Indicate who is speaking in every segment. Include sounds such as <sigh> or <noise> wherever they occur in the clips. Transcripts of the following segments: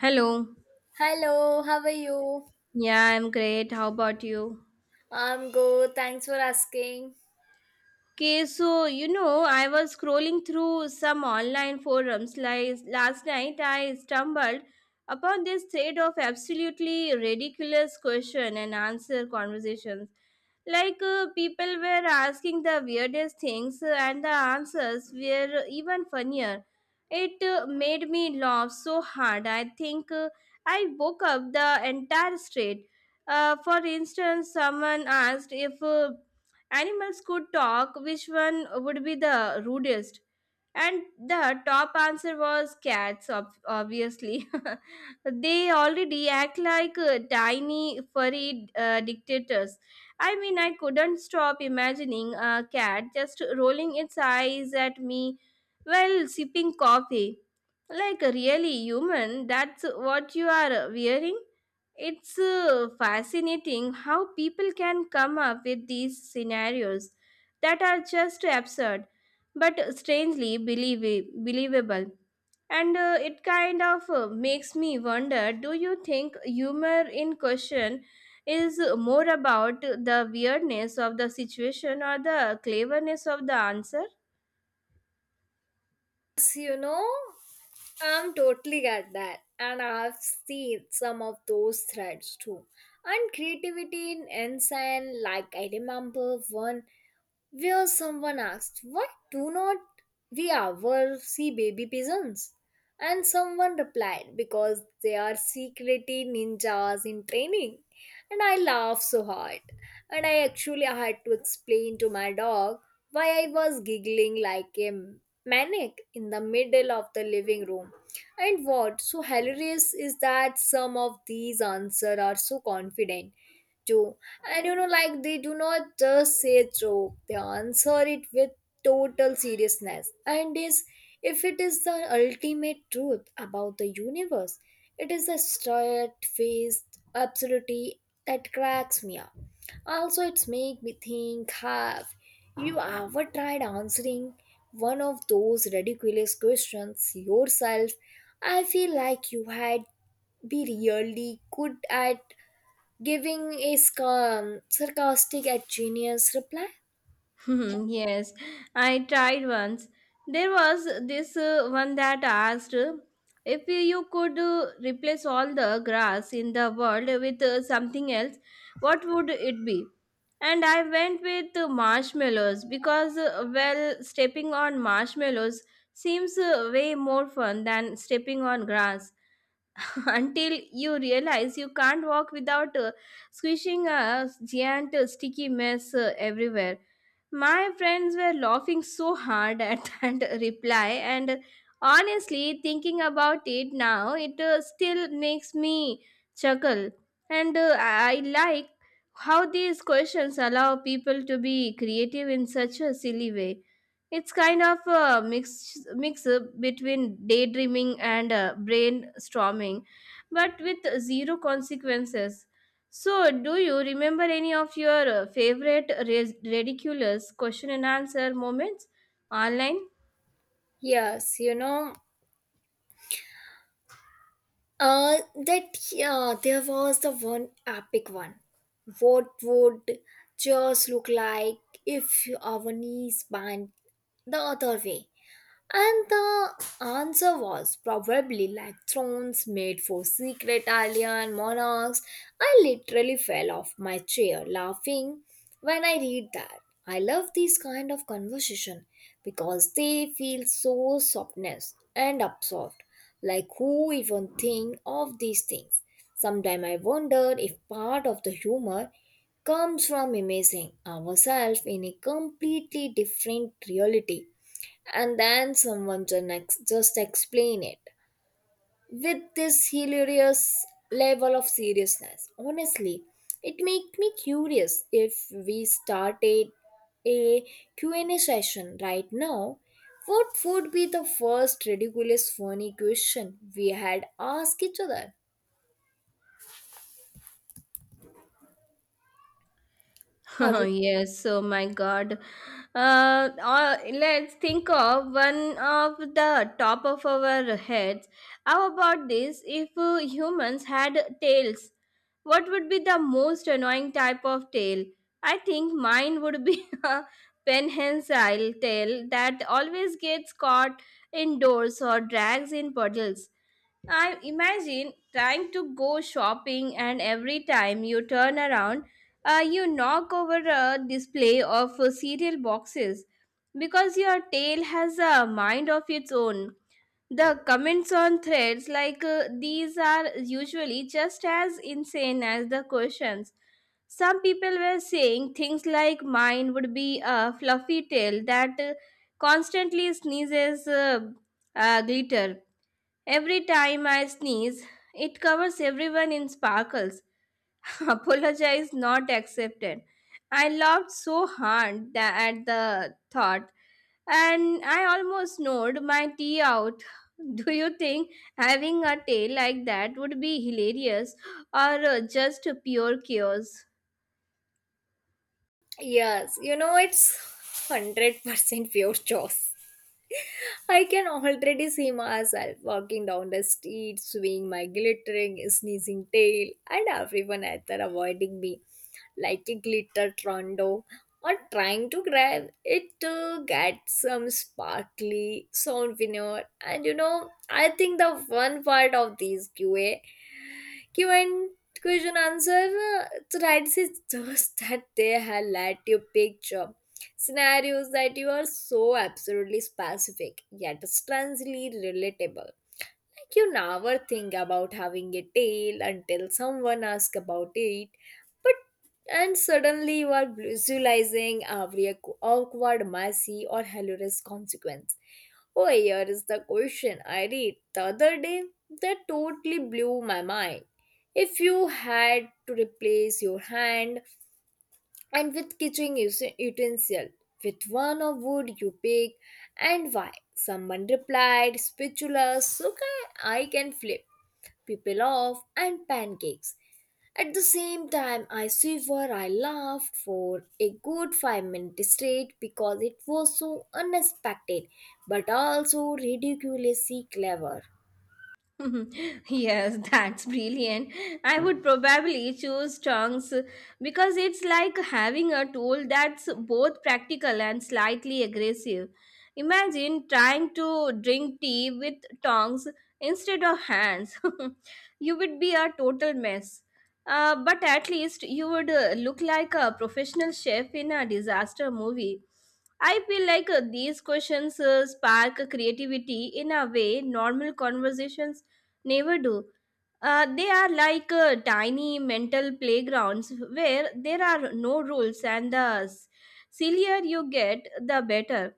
Speaker 1: Hello.
Speaker 2: Hello, how are you?
Speaker 1: Yeah, I'm great. How about you?
Speaker 2: I'm good. Thanks for asking.
Speaker 1: Okay, so I was scrolling through some online forums like last night. I stumbled upon this thread of absolutely ridiculous question and answer conversations. Like people were asking the weirdest things, and the answers were even funnier. It made me laugh so hard. I think I woke up the entire street. For instance, someone asked if animals could talk, which one would be the rudest? And the top answer was cats, obviously. <laughs> They already act like tiny, furry dictators. I mean, I couldn't stop imagining a cat just rolling its eyes at me while sipping coffee. Like, really, human, that's what you are wearing? It's fascinating how people can come up with these scenarios that are just absurd but strangely believable. And it kind of makes me wonder, do you think humor in question is more about the weirdness of the situation or the cleverness of the answer?
Speaker 2: Yes, I'm totally at that, and I've seen some of those threads too. And creativity in ensign, like I remember one where someone asked, "Why do not we ever see baby pigeons?" And someone replied, "Because they are secretly ninjas in training." And I laughed so hard. And I actually had to explain to my dog why I was giggling like a maniac in the middle of the living room. And what's so hilarious is that some of these answers are so confident too, and like they do not just say a joke, they answer it with total seriousness. And is if it is the ultimate truth about the universe, it is the straight faced absurdity that cracks me up. Also, it's make me think, have you ever tried answering one of those ridiculous questions yourself? I feel like you had be really good at giving a sarcastic at genius reply.
Speaker 1: <laughs> Hmm, yes, I tried once. There was this one that asked if you could replace all the grass in the world with something else, what would it be? And I went with marshmallows because, well, stepping on marshmallows seems way more fun than stepping on grass. <laughs> Until you realize you can't walk without squishing a giant sticky mess everywhere. My friends were laughing so hard at <laughs> that reply, and honestly, thinking about it now, it still makes me chuckle. And I like how these questions allow people to be creative in such a silly way. It's kind of a mix between daydreaming and brainstorming but with zero consequences. So, do you remember any of your favorite ridiculous question and answer moments online?
Speaker 2: Yes, you know, uh, that there was the one epic one. What would just look like if our knees bent the other way? And the answer was probably like thrones made for secret alien monarchs. I literally fell off my chair laughing when I read that. I love these kind of conversation because they feel so softness and absorbed. Like who even think of these things? Sometimes I wonder if part of the humor comes from imaging ourselves in a completely different reality and then someone to next just explain it with this hilarious level of seriousness. Honestly, it make me curious, if we started a Q&A session right now, what would be the first ridiculous funny question we had asked each other? Have
Speaker 1: <laughs>
Speaker 2: you-
Speaker 1: Yes, oh my God. Let's think of one of the top of our heads. How about this? If humans had tails, what would be the most annoying type of tail? I think mine would be <laughs> a penhensile tail that always gets caught indoors or drags in puddles. I imagine trying to go shopping, and every time you turn around, you knock over a display of cereal boxes because your tail has a mind of its own. The comments on threads like these are usually just as insane as the questions. Some people were saying things like mine would be a fluffy tail that constantly sneezes glitter. Every time I sneeze, it covers everyone in sparkles. <laughs> Apologize not accepted. I laughed so hard that at the thought, and I almost snored my tea out. <laughs> Do you think having a tail like that would be hilarious or just pure chaos?
Speaker 2: Yes, it's 100% pure choice. I can already see myself walking down the street, swinging my glittering, sneezing tail, and everyone either avoiding me like a glitter trondo or trying to grab it to get some sparkly souvenir. And I think the fun part of these Q&A Q and question answer threads is just <laughs> that they highlight your picture scenarios that you are so absolutely specific yet strangely relatable, like you never think about having a tail until someone asks about it, but and suddenly you are visualizing every awkward, messy or hilarious consequence. Oh, here is the question I read the other day that totally blew my mind. If you had to replace your hand and with kitchen utensil, with one of wood you pick and why? Someone replied, "Spatula, so I can flip people off and pancakes at the same time." I shiver, I laughed for a good 5 minutes straight because it was so unexpected but also ridiculously clever.
Speaker 1: <laughs> Yes, that's brilliant. I would probably choose tongs because it's like having a tool that's both practical and slightly aggressive. Imagine trying to drink tea with tongs instead of hands. <laughs> You would be a total mess. But at least you would look like a professional chef in a disaster movie. I feel like these questions spark creativity in a way normal conversations never do. They are like tiny mental playgrounds where there are no rules, and the sillier you get, the better.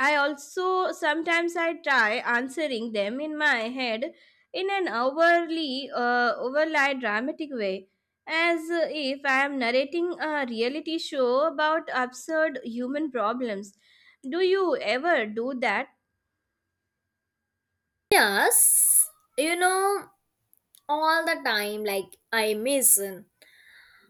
Speaker 1: I also sometimes I try answering them in my head in an overly dramatic way, as if I am narrating a reality show about absurd human problems. Do you ever do that?
Speaker 2: Yes, you know all the time, like I miss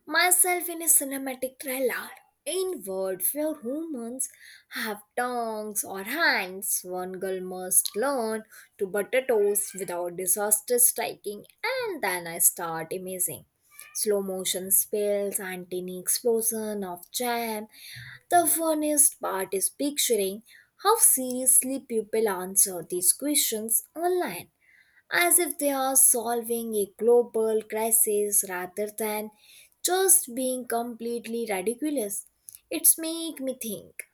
Speaker 2: myself in a cinematic trailer inward where humans have tongues or hands. One girl must learn to butter toast without disaster striking, and then I start amazing slow motion spills and tiny explosion of jam. The funniest part is picturing how seriously people answer these questions online, as if they are solving a global crisis rather than just being completely ridiculous. It's make me think,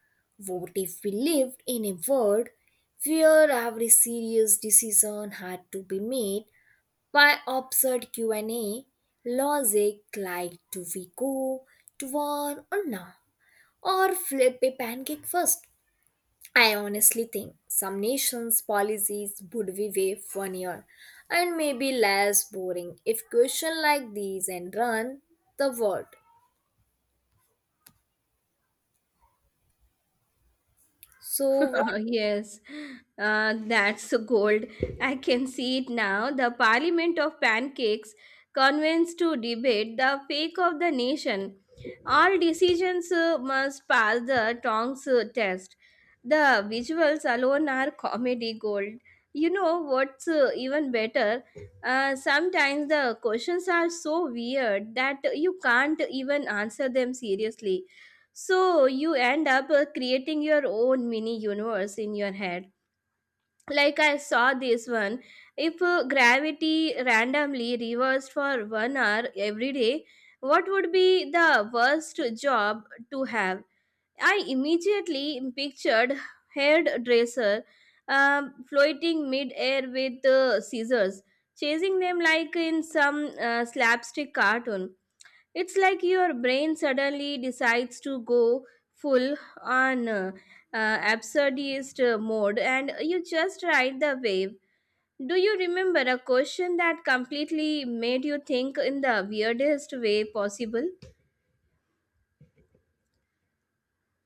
Speaker 2: what if we lived in a world where every serious decision had to be made by absurd Q&A logic? Like, do we go to war or not, or flip a pancake first? I honestly think some nations' policies would be way funnier and maybe less boring if questions like these and run the world. So
Speaker 1: <laughs> Yes, that's gold. I can see it now. The Parliament of Pancakes convenes to debate the fake of the nation. All decisions must pass the tongs test. The visuals alone are comedy gold. You know what's even better? Sometimes the questions are so weird that you can't even answer them seriously, so you end up creating your own mini universe in your head. Like I saw this one. If gravity randomly reversed for 1 hour every day, what would be the worst job to have? I immediately pictured hairdresser floating mid-air with scissors, chasing them like in some slapstick cartoon. It's like your brain suddenly decides to go full on absurdist mode and you just ride the wave. Do you remember a question that completely made you think in the weirdest way possible?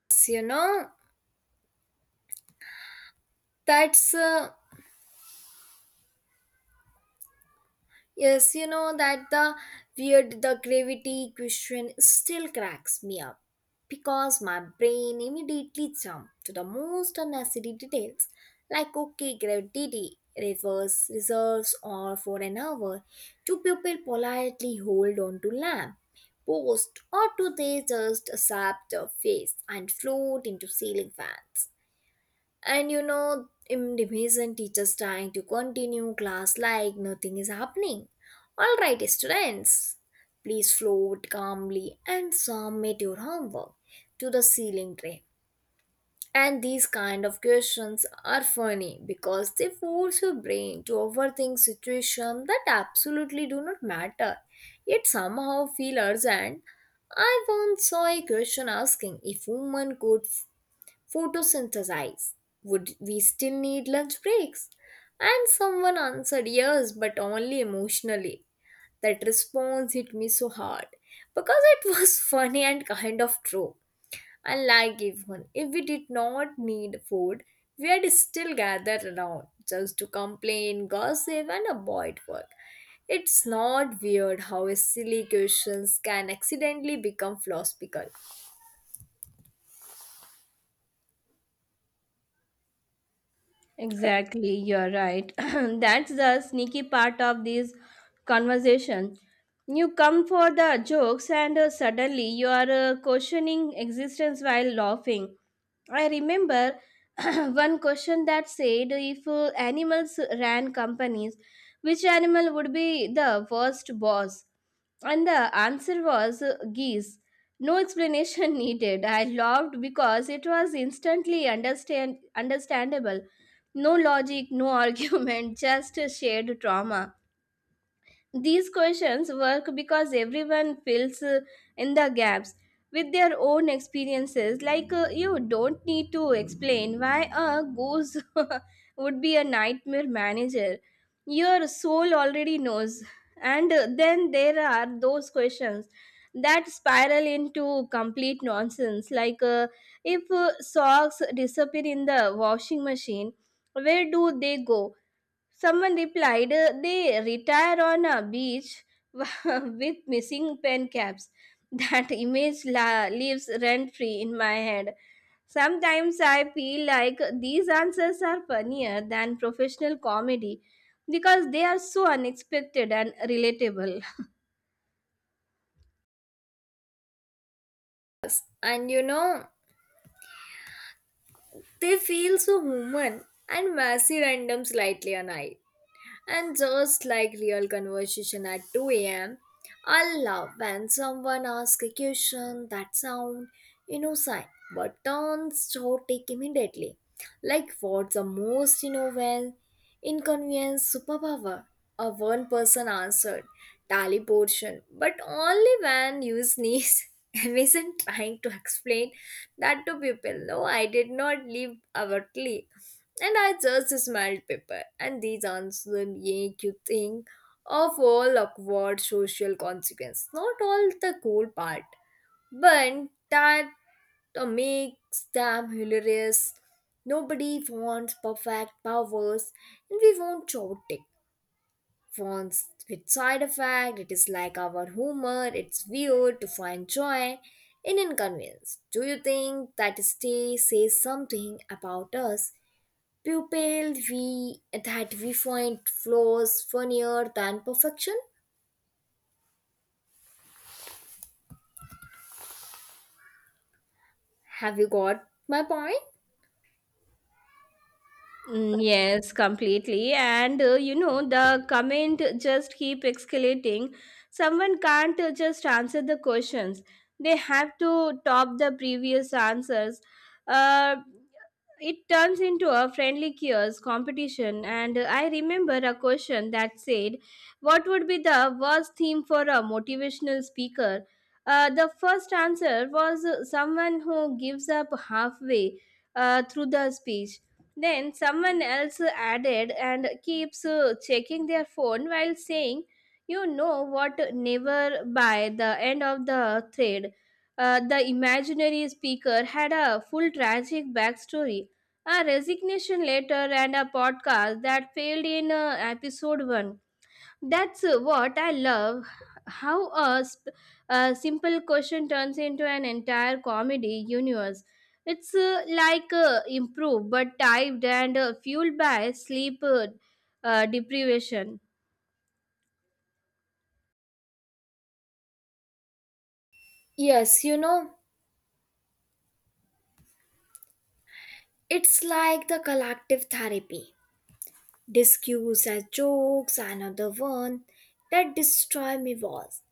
Speaker 2: what's you know that's yes, that the weird the gravity question still cracks me up because my brain immediately jumps to the most unnecessary details. Like, okay, gravity reverse reserves or for an hour, do people politely hold on to lamp post, or do they just accept the face and float into ceiling fans? And Indonesian teachers trying to continue class like nothing is happening. "Alright, students, please float calmly and submit your homework to the ceiling tray." And these kind of questions are funny because they force your brain to overthink situations that absolutely do not matter, yet somehow feel urgent. I once saw a question asking if women could photosynthesize. Would we still need lunch breaks? And someone answered, "Yes, but only emotionally." That response hit me so hard because it was <laughs> funny and kind of true. Unlike even if we did not need food, we had still gathered around just to complain, gossip, and avoid work. It's not weird how silly questions can accidentally become philosophical.
Speaker 1: Exactly, you're right. <clears throat> That's the sneaky part of this conversation. You come for the jokes, and suddenly you are questioning existence while laughing. I remember <clears throat> one question that said if animals ran companies, which animal would be the worst boss? And the answer was geese. No explanation <laughs> needed. I loved because it was instantly understandable. No logic, no <laughs> argument, just a shared trauma. These questions work because everyone fills in the gaps with their own experiences. Like, you don't need to explain why a goose <laughs> would be a nightmare manager. Your soul already knows. And then there are those questions that spiral into complete nonsense. Like, if socks disappear in the washing machine, where do they go? Someone replied, they retire on a beach <laughs> with missing pen caps. That image lives rent free in my head. Sometimes I feel like these answers are funnier than professional comedy because they are so unexpected and relatable.
Speaker 2: And they feel so human and messy, random, slightly annoyed. And just like real conversation at 2 a.m., I love when someone asks a question that sounds innocent but turns chaotic immediately. Like, what's the most innovative, inconvenient superpower? A one person answered, "Teleportation, but only when you sneeze." <laughs> not trying to explain that to people. No, I did not leave abruptly. And I just smelled pepper, and these answers make you think of all awkward social consequences. Not all the cool part, but that makes them hilarious. Nobody wants perfect powers, and we want chaotic ones with side effect. It is like our humor. It's weird to find joy in inconvenience. Do you think that stay says something about us? Pupil we that we find flaws funnier than perfection. Have you got my point?
Speaker 1: Mm, yes, completely. And the comment just keep escalating. Someone can't just answer the questions. They have to top the previous answers. Uh, it turns into a friendly chaos competition. And I remember a question that said, "What would be the worst theme for a motivational speaker?" The first answer was someone who gives up halfway through the speech, then someone else added and keeps checking their phone while saying, you know what, never. By the end of the thread, the imaginary speaker had a full tragic backstory, a resignation letter, and a podcast that failed in episode 1. That's what I love. How a simple question turns into an entire comedy universe. It's like improved but typed and fueled by sleep deprivation.
Speaker 2: Yes, it's like the collective therapy. Discuss as jokes, another one that destroy me was: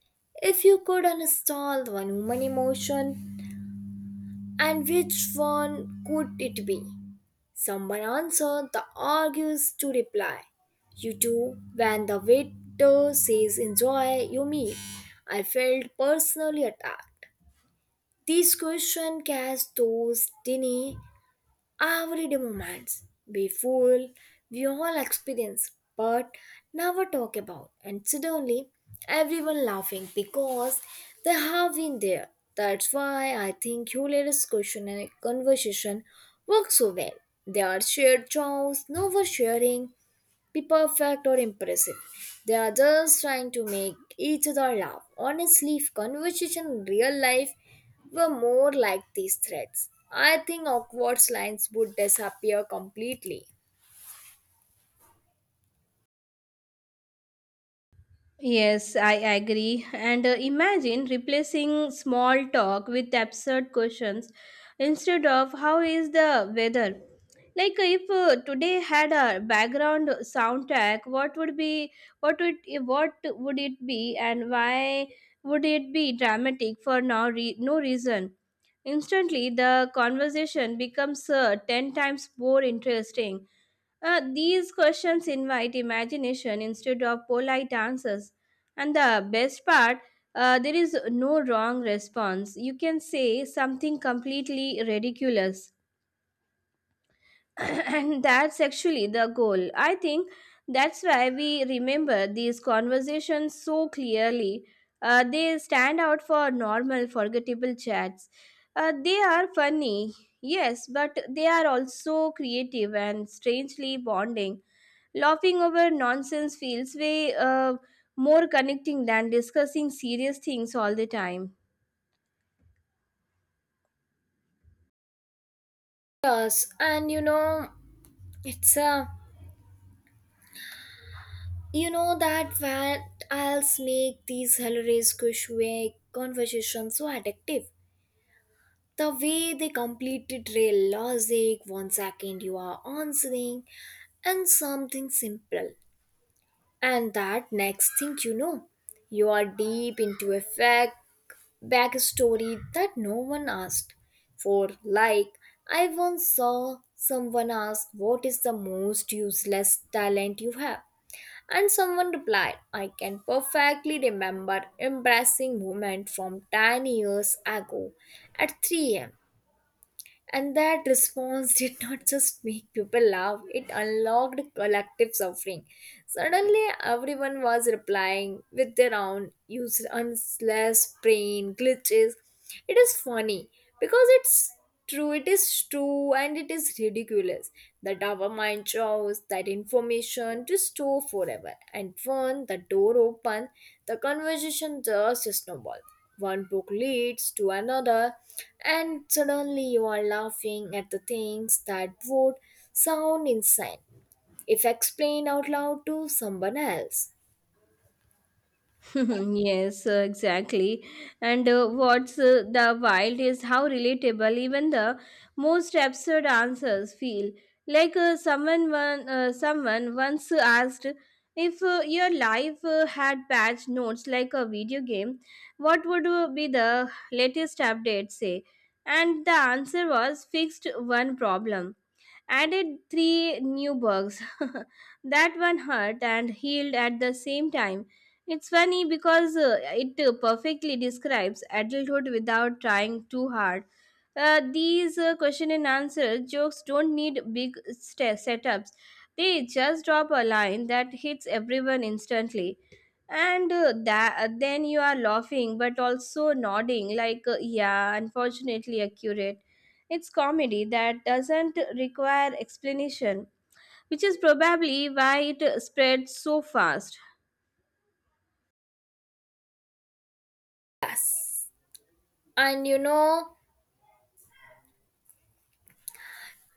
Speaker 2: if you could uninstall one human emotion, and which one could it be? Someone answered, the argues to reply you do when the waiter says, "Enjoy your meal." I felt personally attacked. This question cast those deny everyday moments we full we all experience but never talk about, and suddenly everyone laughing because they have been there. That's why I think hilarious question and conversation work so well. They are shared jokes, no oversharing, be perfect or impressive. They are just trying to make each other laugh. Honestly, if conversation in real life were more like these threads, I think awkward lines would disappear completely.
Speaker 1: Yes, I agree. And imagine replacing small talk with absurd questions instead of how is the weather? Like if today had a background soundtrack, what would what would it be and why would it be dramatic for no reason? Instantly, the conversation becomes ten times more interesting. These questions invite imagination instead of polite answers. And the best part, there is no wrong response. You can say something completely ridiculous <clears throat> and that's actually the goal. I think that's why we remember these conversations so clearly. They stand out for normal, forgettable chats. They are funny, yes, but they are also creative and strangely bonding. Laughing over nonsense feels way more connecting than discussing serious things all the time.
Speaker 2: Yes, and you know, it's a you know that what else make these hilarious Kushwe conversations so addictive. The way they completely trail logic, 1 second you are answering, and something simple. And that next thing you know, you are deep into a fact backstory that no one asked for. Like, I once saw someone ask, "What is the most useless talent you have?" And someone replied, "I can perfectly remember embarrassing moment from 10 years ago at 3 am." And that response did not just make people laugh, it unlocked collective suffering. Suddenly, everyone was replying with their own useless brain glitches. It is funny because it is true, and it is ridiculous that our mind chose that information to store forever. And when the door opened, the conversation just snowballed. One book leads to another, and suddenly you are laughing at the things that would sound insane if explained out loud to someone else.
Speaker 1: <laughs> Yes, exactly. And what's the wild is how relatable even the most absurd answers feel. Like someone once asked if your life had patch notes like a video game, what would be the latest update say? And the answer was fixed one problem, added three new bugs. <laughs> That one hurt and healed at the same time. It's funny because it perfectly describes adulthood without trying too hard. These question and answer jokes don't need big setups. They just drop a line that hits everyone instantly, and that then you are laughing but also nodding like yeah, unfortunately accurate. It's comedy that doesn't require explanation, which is probably why it spread so fast.
Speaker 2: And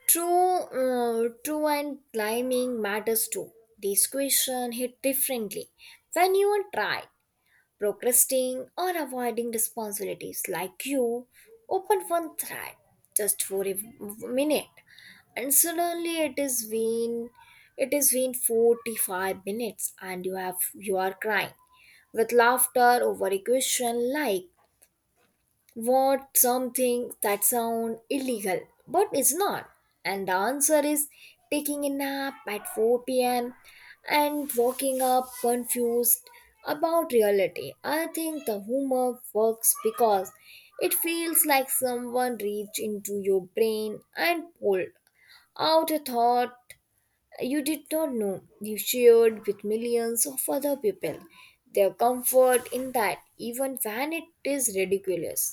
Speaker 2: true, true and climbing matters too. This question hit differently when you are trying procrastinating or avoiding responsibilities. Like, you open one thread just for a minute, and suddenly it is been 45 minutes, and you are crying with laughter over a question like, want something that sound illegal but it's not. And the answer is, taking a nap at 4 p.m and waking up confused about reality. I think the humor works because it feels like someone reached into your brain and pulled out a thought you did not know you shared with millions of other people. Their comfort in that, even when it is ridiculous.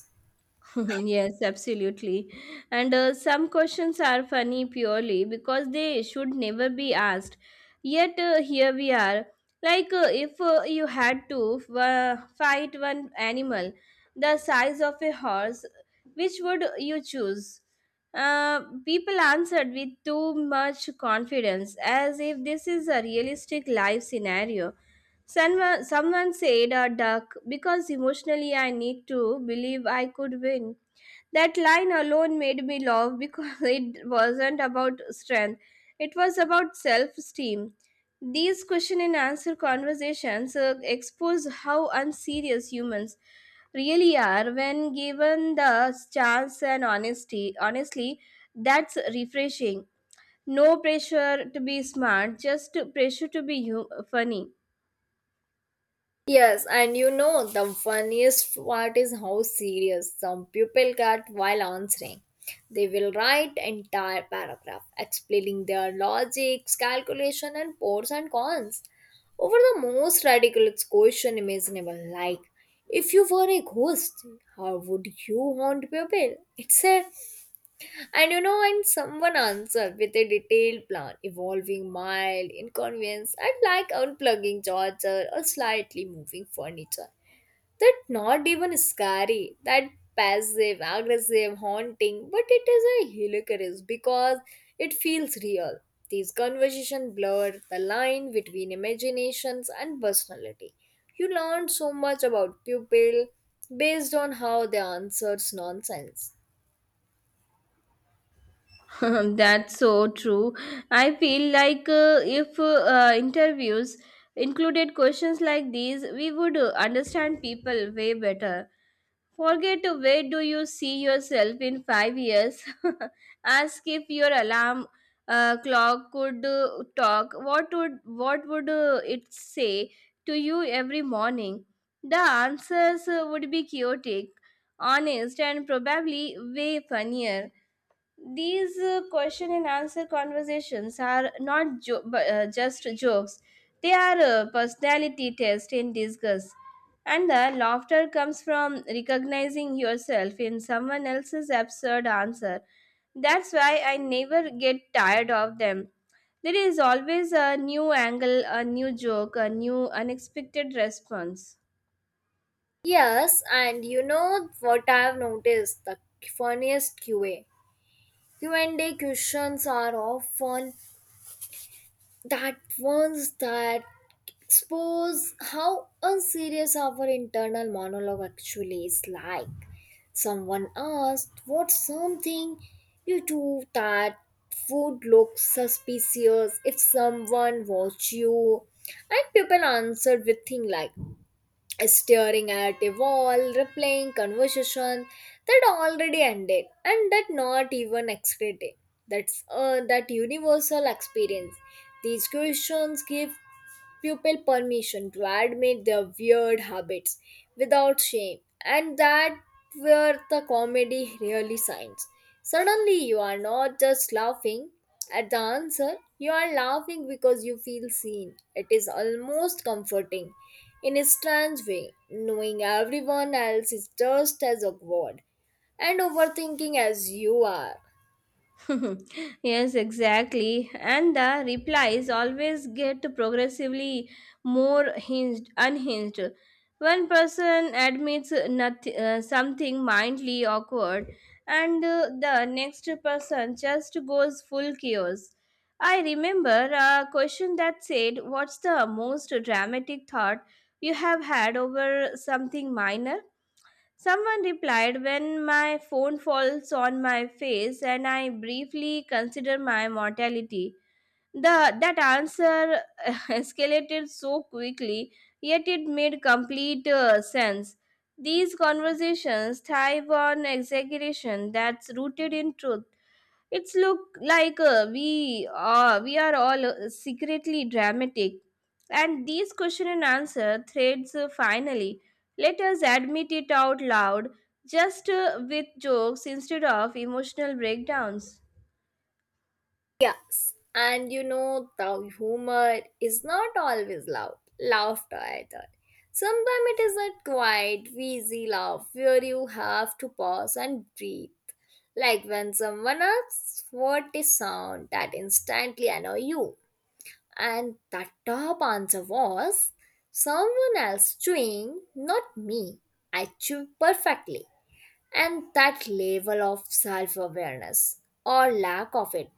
Speaker 1: <laughs> Mhm. Yes, absolutely. And some questions are funny purely because they should never be asked. Yet here we are. Like if you had to fight one animal the size of a horse, which would you choose? People answered with too much confidence, as if this is a realistic life scenario. Someone said a duck because emotionally I need to believe I could win. That line alone made me laugh because <laughs> it wasn't about strength, it was about self esteem. These question and answer conversations expose how unserious humans really are when given the chance and honesty. Honestly, that's refreshing. No pressure to be smart, just pressure to be funny.
Speaker 2: Yes, and the funniest part is how serious some people get while answering. They will write entire paragraph explaining their logics, calculation, and pros and cons over the most ridiculous question imaginable. Like, if you were a ghost, how would you haunt people? It's a and and someone answered with a detailed plan involving mild inconvenience, and like unplugging charger or slightly moving furniture. That not even scary, that passive, aggressive, haunting, but it is a hilarious because it feels real. These conversations blur the line between imaginations and personality. You learn so much about people based on how they answers nonsense.
Speaker 1: <laughs> That's so true. I feel like if interviews included questions like these, we would understand people way better. Forget where do you see yourself in 5 years? <laughs> Ask if your alarm clock could talk. What would it say to you every morning? The answers would be chaotic, honest, and probably way funnier. These question and answer conversations are not just jokes, they are a personality test in disguise. And the laughter comes from recognizing yourself in someone else's absurd answer. That's why I never get tired of them. There is always a new angle, a new joke, a new unexpected response.
Speaker 2: Yes, and what I've noticed? The funniest QA. Q&A questions are often that ones that expose how unserious our internal monologue actually is. Like, someone asked, "What's something you do that would look suspicious if someone watched you?" And people answered with things like, staring at a wall, replaying conversation that already ended, and that not even exciting. That universal experience. These questions give pupil permission to admit their weird habits without shame, and that where the comedy really shines. Suddenly, you are not just laughing at the answer, you are laughing because you feel seen. It is almost comforting in a strange way, knowing everyone else is just as awkward and overthinking as you are.
Speaker 1: <laughs> Yes, exactly. And the replies always get progressively unhinged. One person admits nothing, something mildly awkward, and the next person just goes full chaos. I remember a question that said, what's the most dramatic thought you have had over something minor? Someone replied, when my phone falls on my face and I briefly consider my mortality. That answer <laughs> escalated so quickly, yet it made complete sense. These conversations thrive on exaggeration that's rooted in truth. It's look like we are all secretly dramatic, and these question and answer threads finally let us admit it out loud, just with jokes instead of emotional breakdowns.
Speaker 2: Yes, and the humor is not always loud, laughter either. Sometimes it is a quiet, wheezy laugh where you have to pause and breathe. Like when someone asks what is sound that instantly annoy you. And the top answer was, "Someone else chewing, not me. I chew perfectly." And that level of self awareness, or lack of it,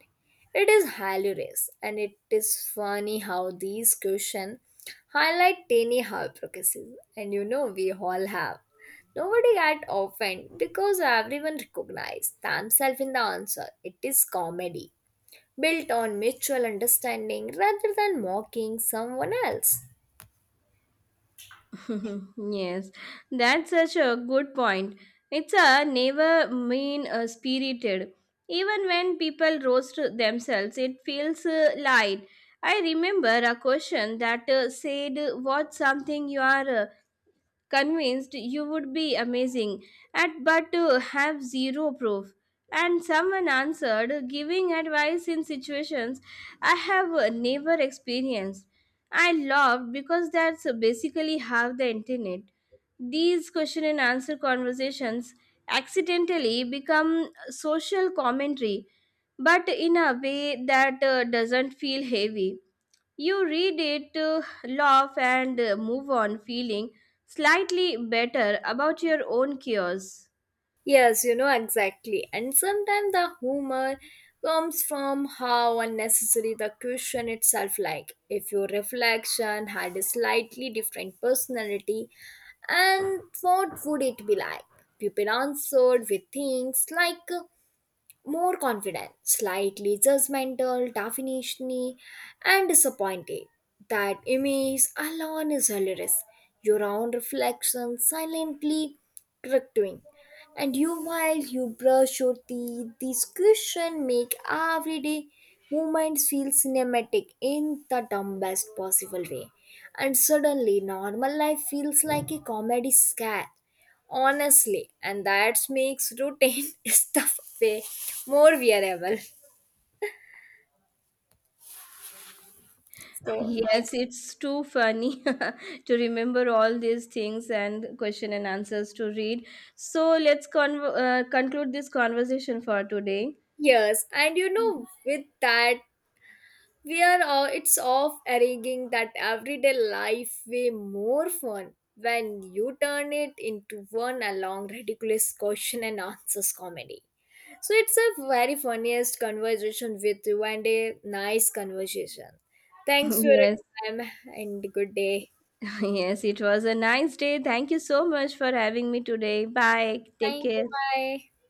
Speaker 2: it is hilarious. And it is funny how these questions highlight tiny hypocrisies. And we all have. Nobody got offended because everyone recognized themselves in the answer. It is comedy built on mutual understanding rather than mocking someone else.
Speaker 1: <laughs> Yes, that's such a good point. It's a never mean spirited. Even when people roast themselves, it feels light. I remember a question that said, what's something you are convinced you would be amazing at but to have zero proof, and someone answered giving advice in situations I have never experienced. I laughed because that's basically how the internet these question and answer conversations accidentally become social commentary but in a way that doesn't feel heavy. You read it, laugh, and move on, feeling slightly better about your own cures.
Speaker 2: Yes, exactly. And sometimes the humor comes from how unnecessary the question itself, like if your reflection had a slightly different personality and what would it be like? People answered with things like, more confident, slightly judgmental, definitionally, and disappointed. That image alone is hilarious. Your own reflection silently correcting. And you while you brush your teeth, this question make everyday movements feel cinematic in the dumbest possible way. And suddenly normal life feels like a comedy sketch honestly, and that makes routine <laughs> stuff way more wearable. So
Speaker 1: Yes, it's too funny <laughs> to remember all these things and question and answers to read. So let's conclude this conversation for today.
Speaker 2: yes, and with that, we are all, it's off arranging that everyday life way more fun when you turn it into one a long ridiculous question and answers comedy. So it's a very funniest conversation with you, and a nice conversation. Thanks
Speaker 1: <laughs>
Speaker 2: for your
Speaker 1: Yes.
Speaker 2: time and good day.
Speaker 1: <laughs> Yes, it was a nice day. Thank you so much for having me today. Bye. Take
Speaker 2: Thank you.
Speaker 1: care.
Speaker 2: Bye.